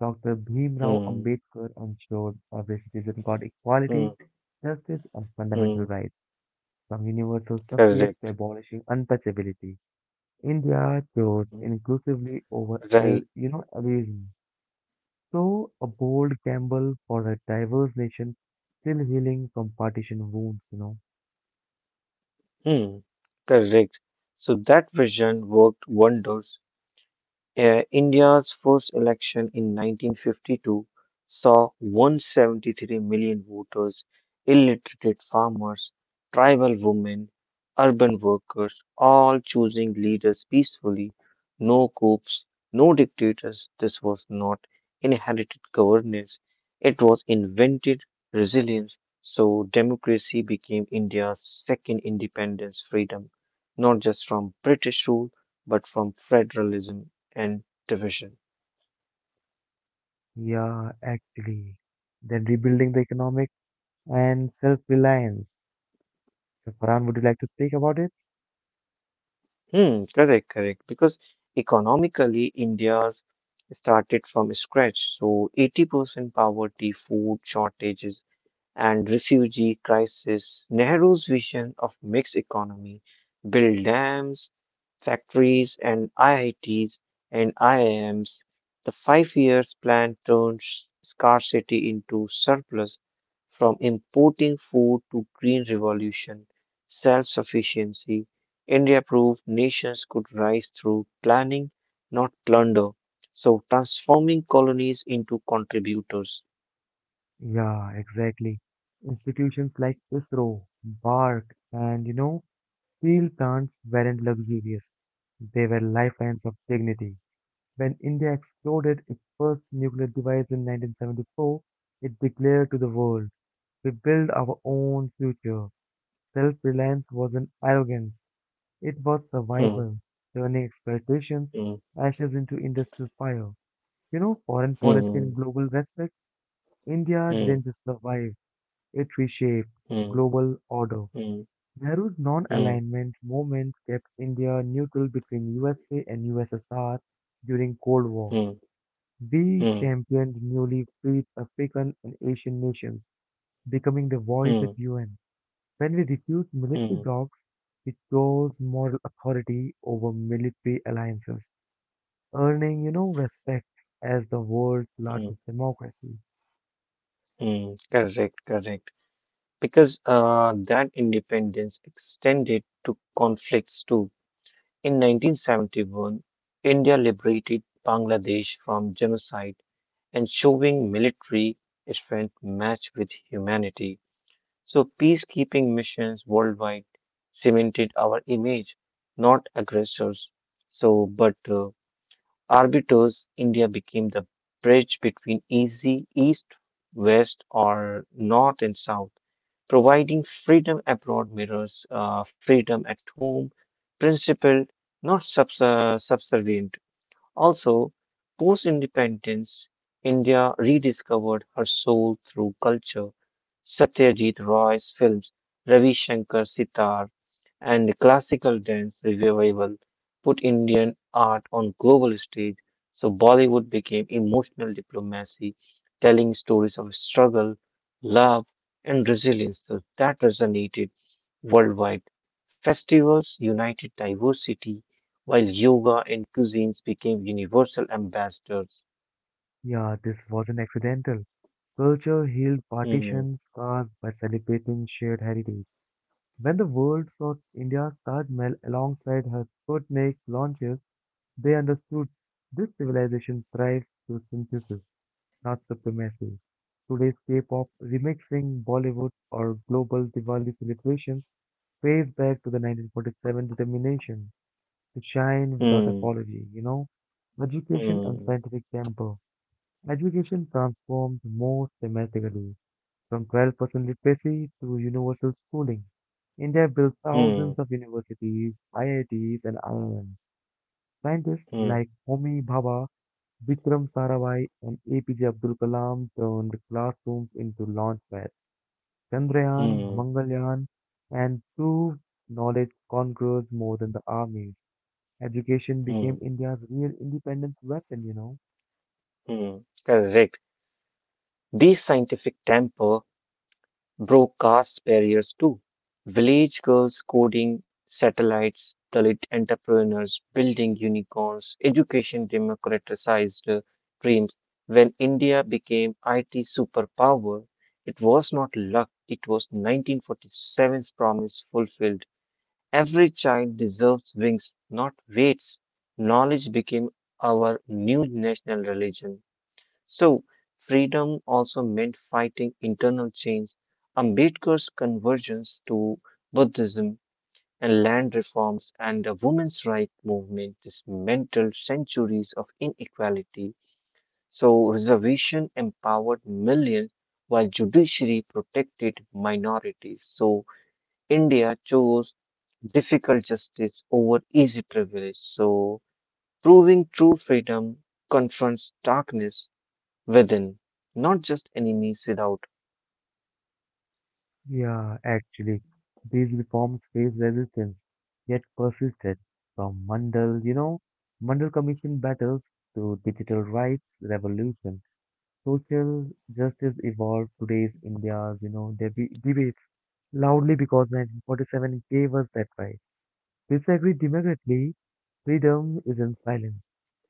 S1: Dr. Bhimrao
S2: mm,
S1: Ambedkar ensured every citizen got equality,
S2: mm,
S1: justice, and fundamental
S2: mm.
S1: rights, from universal suffrage to
S2: Correct.
S1: abolishing untouchability. India chose
S2: Mm,
S1: inclusively over
S2: right.
S1: elitism. So, a bold gamble for a diverse nation still healing from partition wounds.
S2: Mm, correct. So that vision worked wonders. India's first election in 1952 saw 173 million voters, illiterate farmers, tribal women, urban workers, all choosing leaders peacefully, no coups, no dictators. This was not inherited governance, it was invented resilience. So, democracy became India's second independence freedom, not just from British rule, but from federalism and division.
S1: Yeah, actually. Then rebuilding the economic and self-reliance. So, Farhan, would you like to speak about it?
S2: Hmm, correct, correct. Because economically, India's started from scratch. So, 80% poverty, food shortages, and refugee crisis, Nehru's vision of mixed economy, build dams, factories and IITs and IIMs. The 5 years plan turned scarcity into surplus from importing food to green revolution, self-sufficiency. India proved nations could rise through planning, not plunder. So transforming colonies into contributors.
S1: Yeah, exactly. Institutions like ISRO, BARC, and steel plants weren't luxurious. They were lifelines of dignity. When India exploded its first nuclear device in 1974, it declared to the world, we build our own future. Self reliance wasn't arrogance, it was
S2: Hmm,
S1: survival, turning expectations,
S2: hmm,
S1: ashes into industrial fire. You know, foreign policy
S2: hmm.
S1: and global respect, India
S2: Mm,
S1: didn't just survive, it reshaped
S2: mm,
S1: global order.
S2: mm,
S1: Nehru's
S2: mm,
S1: non-alignment movement kept India neutral between USA and USSR during Cold War.
S2: mm,
S1: We
S2: mm,
S1: championed newly freed African and Asian nations, becoming the voice at
S2: mm,
S1: UN. When we refuse military
S2: mm,
S1: blocs, it shows moral authority over military alliances, earning respect as the world's
S2: mm,
S1: largest democracy.
S2: mm. Correct, correct. Because that independence extended to conflicts too. In 1971, India liberated Bangladesh from genocide and showing military strength matched with humanity. So peacekeeping missions worldwide cemented our image, not aggressors. So, but Arbitos, India became the bridge between easy east, west, or north and south, providing freedom abroad mirrors freedom at home, principled, not subservient. Also, post independence, India rediscovered her soul through culture. Satyajit Roy's films, Ravi Shankar Sitar, and classical dance revival put Indian art on global stage, so Bollywood became emotional diplomacy, telling stories of struggle, love, and resilience. So that resonated worldwide. Festivals united diversity, while yoga and cuisines became universal ambassadors.
S1: Yeah, this wasn't accidental. Culture healed
S2: Hmm,
S1: partition scars by celebrating shared heritage. When the world saw India's Taj Mahal alongside her Sputnik launches, they understood this civilization thrives through synthesis, not supremacy. Today's K-pop remixing Bollywood or global Diwali celebrations trace back to the 1947 determination to shine without
S2: hmm,
S1: apology. Education and
S2: hmm,
S1: scientific temper. Education transformed more systematically from 12% literacy to universal schooling. India built thousands
S2: hmm,
S1: of universities, IITs, and IIMs. Scientists
S2: hmm,
S1: like Homi Bhabha, Vikram Sarabhai and APJ Abdul Kalam turned classrooms into launchpads. Chandrayaan,
S2: hmm,
S1: Mangalyaan, and true knowledge conquers more than the armies. Education
S2: hmm,
S1: became India's real independence weapon.
S2: hmm. Correct. These scientific temper broke caste barriers too. Village girls coding satellites, Dalit entrepreneurs building unicorns, education democratized dreams. When India became IT superpower, it was not luck, it was 1947's promise fulfilled. Every child deserves wings, not weights. Knowledge became our new national religion. So, freedom also meant fighting internal change. Ambedkar's convergence to Buddhism and land reforms and the women's rights movement dismantled centuries of inequality. So, reservation empowered millions while judiciary protected minorities. So, India chose difficult justice over easy privilege. So, proving true freedom confronts darkness within, not just enemies without.
S1: Yeah, actually, these reforms faced resistance, yet persisted. From Mandal Mandal Commission battles to digital rights revolution. Social justice evolved today's India's, you know, debi debates loudly because 1947 gave us that right. Disagree democratically, freedom is in silence.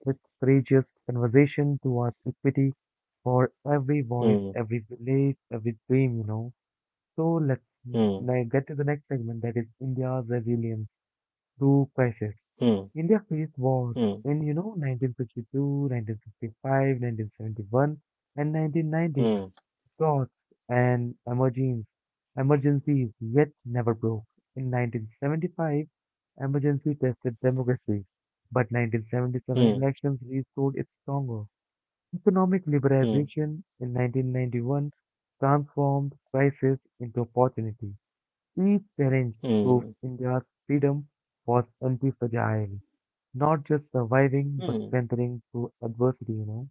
S1: With courageous conversation towards equity for every voice,
S2: Hmm,
S1: every village, every dream. So let's
S2: hmm,
S1: now get to the next segment, that is India's resilience through crisis.
S2: hmm,
S1: India faced wars
S2: hmm,
S1: in 1952, 1955, 1971, and
S2: hmm,
S1: 1919. Droughts and emergencies yet never broke. In 1975, emergency tested democracy, but 1977
S2: hmm,
S1: elections restored its stronger. Economic
S2: hmm,
S1: liberalization in 1991 transformed crisis into opportunity. Each challenge
S2: hmm,
S1: proved India's freedom was anti-fragile, not just surviving but
S2: hmm.
S1: strengthening through adversity.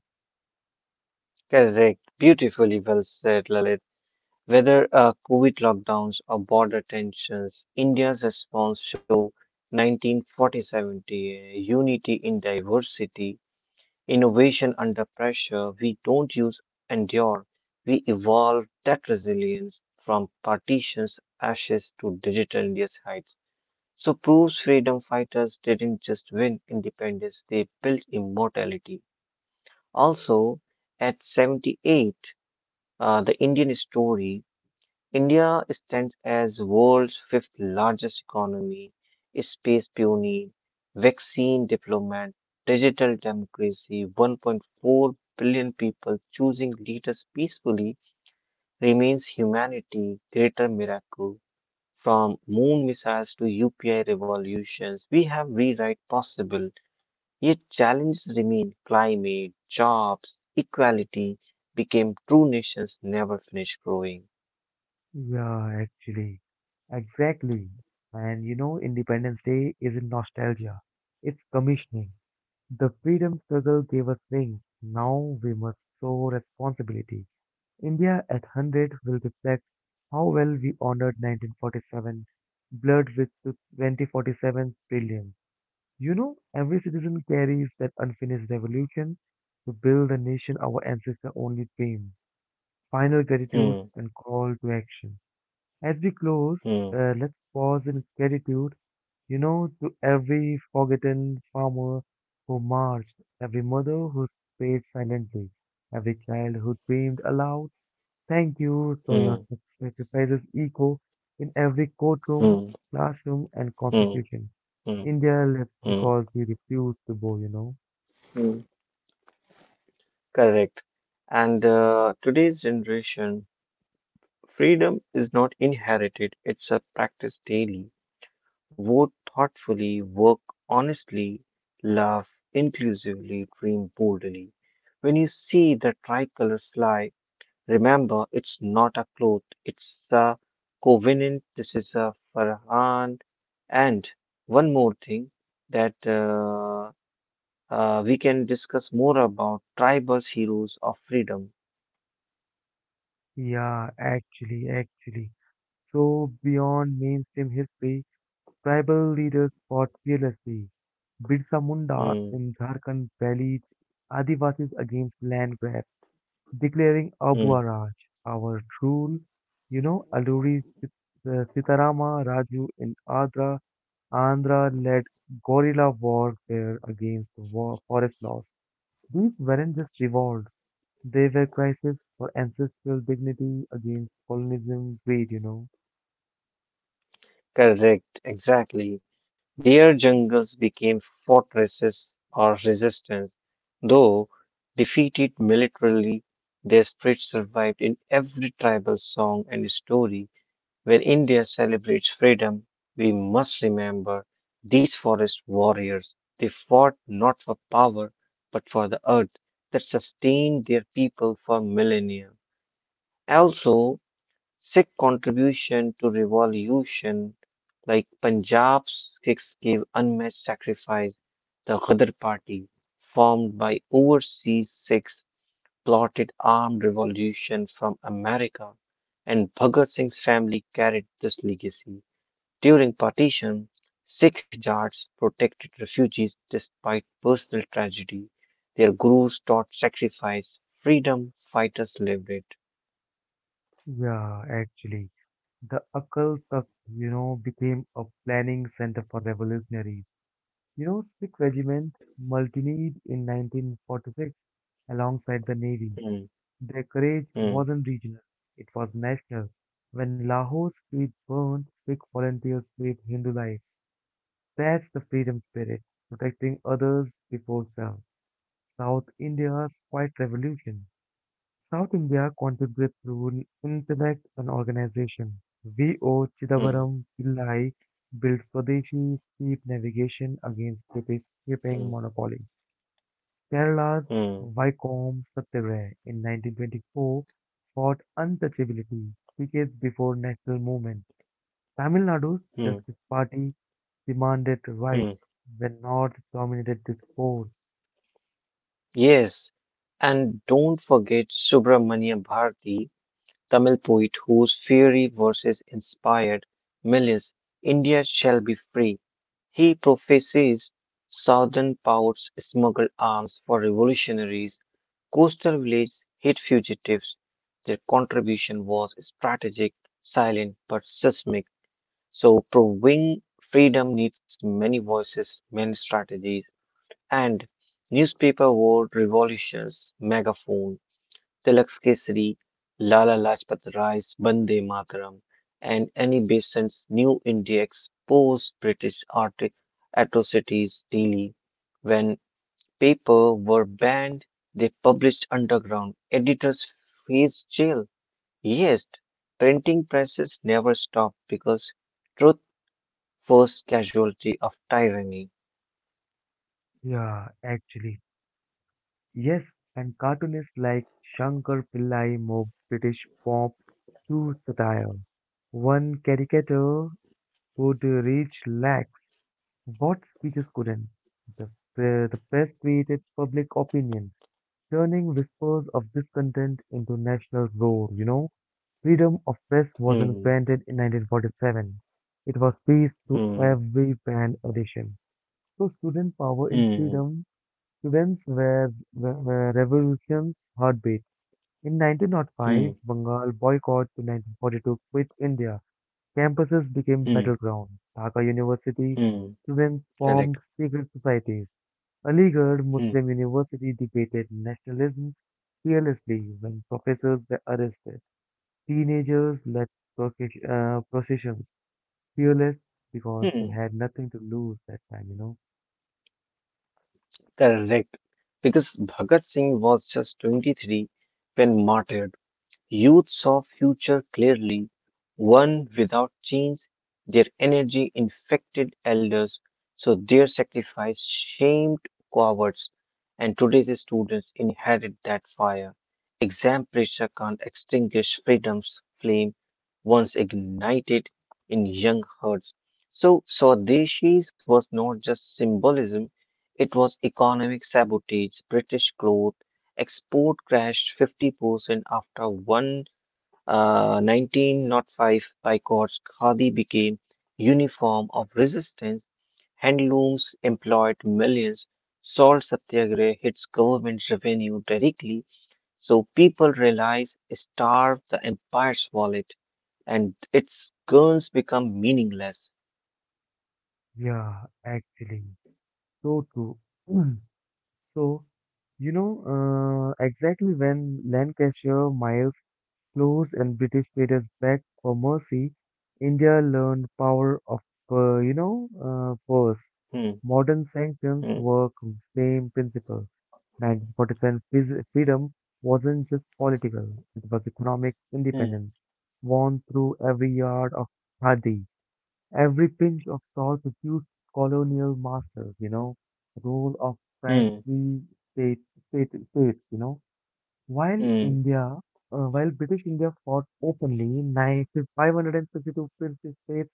S2: Correct. Beautifully well said, Lalit. Whether COVID lockdowns or border tensions, India's response show 1947 unity in diversity, innovation under pressure. We don't use endure. We evolve that resilience from partitions, ashes to digital India's heights. So proves freedom fighters didn't just win independence, they built immortality. Also, at 78, the Indian story, India stands as world's fifth largest economy, space pioneer, vaccine diplomat, digital democracy, 1.4 billion people choosing leaders peacefully remains humanity greater miracle from moon missiles to UPI revolutions, we have rewrite possible, yet challenges remain climate, jobs, equality became true nations never finish growing.
S1: Yeah, actually. Exactly. And you know, Independence Day isn't nostalgia, it's commissioning. The freedom struggle gave us wings. Now we must show responsibility. India at 100 will reflect how well we honored 1947, blurred with the 2047 brilliance. You know, every citizen carries that unfinished revolution to build a nation our ancestors only dreamed. Final
S2: Hmm,
S1: gratitude and call to action. As we close,
S2: hmm,
S1: let's pause in gratitude to every forgotten farmer who marched, every mother who prayed silently, every child who dreamed aloud. Thank you, so
S2: hmm,
S1: your sacrifices echo in every courtroom,
S2: hmm,
S1: classroom, and
S2: hmm,
S1: constitution.
S2: hmm,
S1: India lives
S2: hmm,
S1: because you refuse to bow.
S2: hmm. Correct. And today's generation, freedom is not inherited, it's a practice daily. Vote thoughtfully, work honestly, laugh inclusively, dream boldly. When you see the tricolor fly, remember it's not a cloth, it's a covenant. This is a Farhan. And one more thing that we can discuss more about tribal heroes of freedom.
S1: Yeah, actually. So beyond mainstream history, tribal leaders fought fearlessly. Birsa Munda
S2: Hmm,
S1: in Jharkhand rallied Adivasis against land grab, declaring
S2: hmm.
S1: Abwa Raj, our rule. You know, Sitarama Raju in Andhra led guerrilla warfare against the war, forest laws. These weren't just revolts, they were crises for ancestral dignity against colonialism greed.
S2: Correct, exactly. Their jungles became fortresses or resistance. Though defeated militarily, their spirit survived in every tribal song and story. When India celebrates freedom, we must remember these forest warriors. They fought not for power, but for the earth that sustained their people for millennia. Also, Sikh contribution to revolution, like Punjab's Sikhs gave unmatched sacrifice. The Ghadar Party, formed by overseas Sikhs, plotted armed revolution from America, and Bhagat Singh's family carried this legacy. During partition, Sikh Jats protected refugees despite personal tragedy. Their gurus taught sacrifice, freedom fighters lived it.
S1: Yeah, actually. The Akal Takht became a planning center for revolutionaries. You know, Sikh regiment mutinied in 1946 alongside the navy.
S2: Hmm,
S1: Their courage
S2: hmm,
S1: wasn't regional, it was national. When Lahore streets burned, Sikh volunteers saved Hindu lives. That's the freedom spirit, protecting others before self. South India's quiet revolution. South India contributes through intellect and organization. V.O.
S2: hmm,
S1: Chidambaram Pillai built Swadeshi steep navigation against British
S2: hmm.
S1: shipping monopoly. Kerala's
S2: Hmm,
S1: Vaikom Satyagraha in 1924 fought untouchability decades before national movement. Tamil Nadu's
S2: hmm,
S1: Justice Party demanded
S2: hmm.
S1: rights when North dominated discourse.
S2: Yes, and don't forget Subramanya Bharati, Tamil poet whose fiery verses inspired millions. India shall be free. He prophesies southern ports smuggle arms for revolutionaries, coastal villages hid fugitives. Their contribution was strategic, silent, but seismic. So, proving freedom needs many voices, many strategies. And newspaper world revolutions, megaphone, Tilak's Kesari, Lala Lajpat Rai's Bande Mataram, and Annie Besant's New India exposed British art atrocities daily. When paper were banned, they published underground. Editors faced jail. Yes, printing presses never stopped because truth was casualty of tyranny.
S1: Yeah, actually. Yes, and cartoonists like Shankar Pillai moved British pop to satire. One caricature could reach lakhs, what speeches couldn't. The press created public opinion, turning whispers of discontent into national roar. Freedom of press wasn't
S2: Hmm,
S1: granted in 1947. It was peace to
S2: hmm,
S1: every band edition. So student power in
S2: hmm,
S1: freedom events were revolution's heartbeat. In 1905,
S2: hmm.
S1: Bengal boycott to 1942 quit India. Campuses became
S2: Hmm,
S1: battleground. Dhaka University
S2: hmm,
S1: students
S2: correct.
S1: formed secret societies. Aligarh
S2: Hmm,
S1: Muslim University debated nationalism fearlessly when professors were arrested. Teenagers led processions, fearless because they
S2: hmm,
S1: had nothing to lose that time.
S2: correct. Because Bhagat Singh was just 23 when martyred. Youths saw future clearly one without chains, their energy infected elders, so their sacrifice shamed cowards, and today's students inherit that fire. Exam pressure can't extinguish freedom's flame once ignited in young hearts. So Swadeshis was not just symbolism, it was economic sabotage. British cloth Export crashed 50% after one 1905 boycotts. Khadi became uniform of resistance. Handlooms employed millions. Salt Satyagrah hits government revenue directly. So people realize starve the empire's wallet and its guns become meaningless.
S1: Yeah, actually, so true. So, you know, exactly when Lancashire Miles closed and British traders begged for mercy, India learned power of force.
S2: Hmm,
S1: Modern sanctions
S2: hmm,
S1: work same principle. Freedom wasn't just political; it was economic
S2: hmm,
S1: independence, won through every yard of khadi. Every pinch of salt refused colonial masters, rule of
S2: hmm,
S1: princely state, states. While
S2: hmm,
S1: British India fought openly, 552 princely states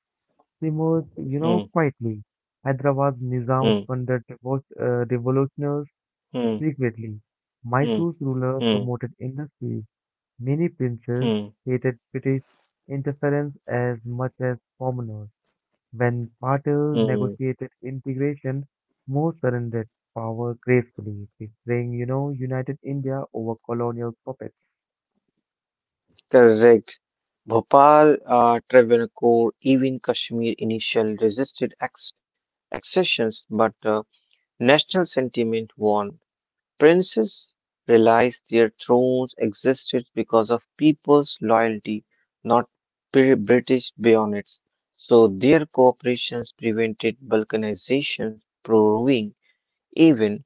S1: emerged,
S2: hmm,
S1: quietly. Hyderabad's Nizam
S2: hmm,
S1: funded revolutionaries
S2: hmm,
S1: secretly.
S2: hmm,
S1: Mysore's ruler
S2: hmm,
S1: promoted industry. Many princes
S2: hmm,
S1: hated British interference as much as commoners. When Patil
S2: hmm.
S1: negotiated integration, Moore surrendered power gracefully, preferring united India over colonial puppets.
S2: Correct. Bhopal, Travancore, even Kashmir initially resisted accession, but national sentiment won. Princes realized their thrones existed because of people's loyalty, not British bayonets. So their cooperations prevented balkanization, proving even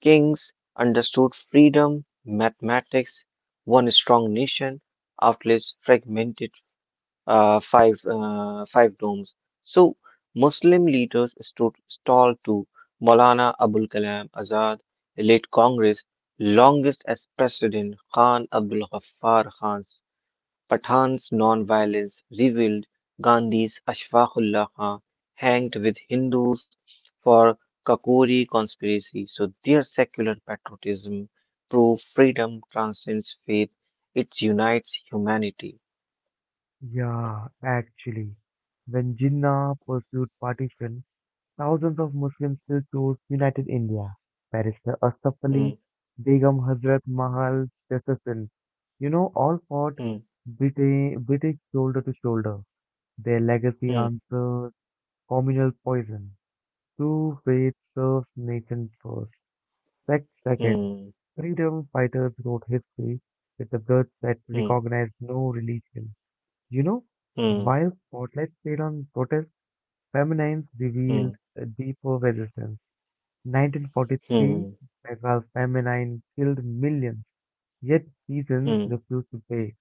S2: kings understood freedom, mathematics, one strong nation outlives fragmented five domes. So Muslim leaders stood tall to Maulana Abul Kalam Azad, the late Congress longest as president, Khan Abdul Ghaffar Khan's Pathan's non-violence revealed Gandhi's Ashfaqullah Khan hanged with Hindus for Kakori conspiracy. So their secular patriotism prove freedom transcends faith. It unites humanity.
S1: Yeah, actually, when Jinnah pursued partition, thousands of Muslims still chose United India. Barrister Asaf Ali,
S2: Hmm,
S1: Begum Hazrat Mahal Jessison, all fought
S2: hmm,
S1: British shoulder to shoulder. Their legacy
S2: hmm.
S1: answers communal poison. True faith serves nation first, sect second.
S2: Mm,
S1: Freedom fighters wrote history with the blood that
S2: mm,
S1: recognized no religion. You know,
S2: mm,
S1: while spotlight stayed on protest, feminines revealed
S2: mm,
S1: a deeper resistance. 1943,
S2: mm,
S1: Bengal feminine killed millions, yet peasants
S2: mm,
S1: refused to pay.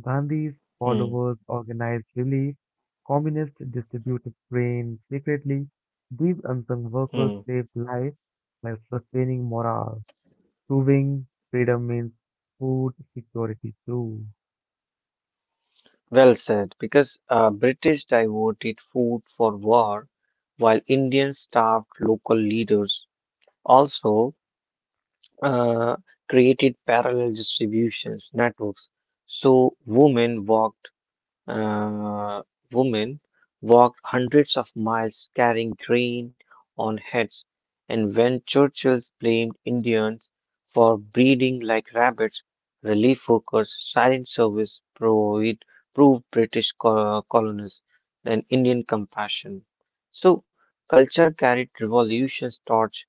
S1: Gandhi's followers
S2: mm,
S1: organized relief, communists distributed grain secretly. These unsung workers
S2: mm.
S1: saved lives by sustaining morale. Proving freedom means food security too.
S2: Well said, because British devoted food for war, while Indians starved local leaders. Also, uh, created parallel distributions networks, so uh, women walked hundreds of miles carrying grain on heads, and when Churchill blamed Indians for breeding like rabbits, relief workers' silent service proved British colonists an Indian compassion. So, culture carried revolution's torch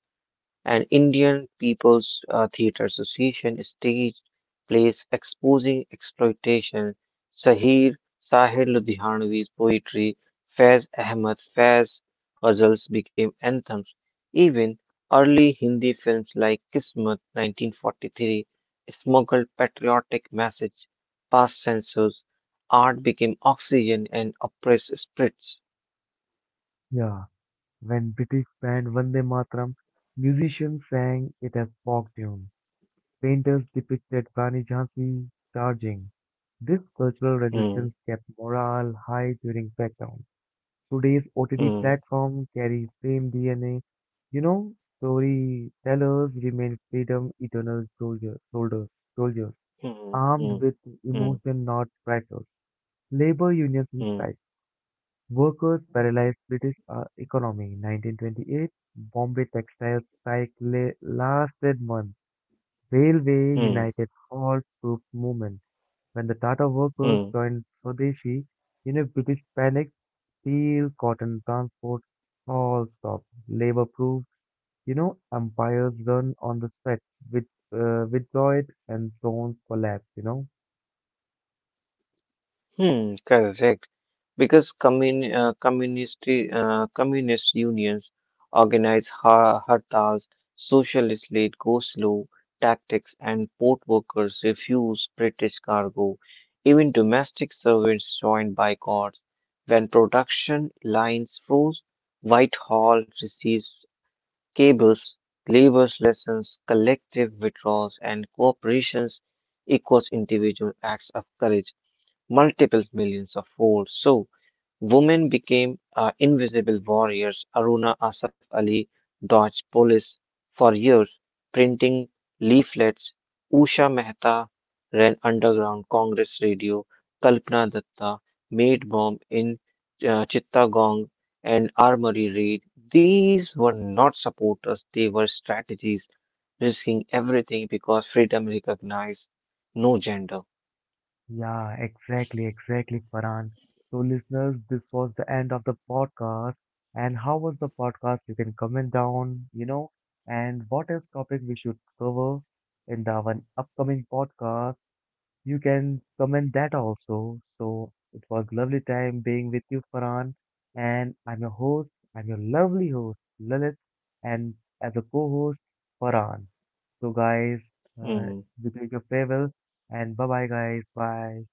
S2: and Indian People's Theatre Association stage plays exposing exploitation. Sahir Ludhianvi's poetry, Faiz Ahmad Faiz ghazals became anthems. Even early Hindi films like *Kismat* 1943 smuggled patriotic message past censors. Art became oxygen and oppressed spirits.
S1: Yeah, when British band Vande Mataram, musicians sang it as folk tunes. Painters depicted Rani Jhansi charging. This cultural resistance
S2: Hmm,
S1: kept morale high during background. Today's OTT
S2: hmm,
S1: platform carries same DNA. You know, Storytellers remain freedom eternal soldiers,
S2: hmm, hmm,
S1: armed with
S2: hmm,
S1: emotion, not tractors. Labor unions in
S2: hmm,
S1: strike. Workers paralyzed British economy. 1928, Bombay textile strike lasted months. Railway
S2: hmm,
S1: united halt troops movement. When the Tata workers
S2: hmm.
S1: joined Swadeshi, British panic steel, cotton, transport, all stopped. Labor proved empires run on the stretch, with withdrawed and zones collapse.
S2: Hmm, correct. Because communist unions organize hartals, socialist late go slow tactics, and port workers refuse British cargo. Even domestic servants joined boycotts. When production lines froze, Whitehall receives cables, labor lessons, collective withdrawals, and cooperations equals individual acts of courage multiple millions of folds. So, women became invisible warriors. Aruna Asaf Ali dodged police for years, printing leaflets. Usha Mehta ran underground Congress radio. Kalpana Datta made bomb in Chittagong and Armory raid. These were not supporters; they were strategies, risking everything because freedom recognized no gender.
S1: Yeah, exactly, exactly, Farhan. So, listeners, this was the end of the podcast. And how was the podcast? You can comment down, and what else topic we should cover in the one upcoming podcast. You can comment that also. So it was lovely time being with you, Farhan. And I'm your host. I'm your lovely host, Lalit, and as a co-host, Farhan. So guys, uh,
S2: Mm-hmm.
S1: we bid you farewell and bye bye, guys. Bye.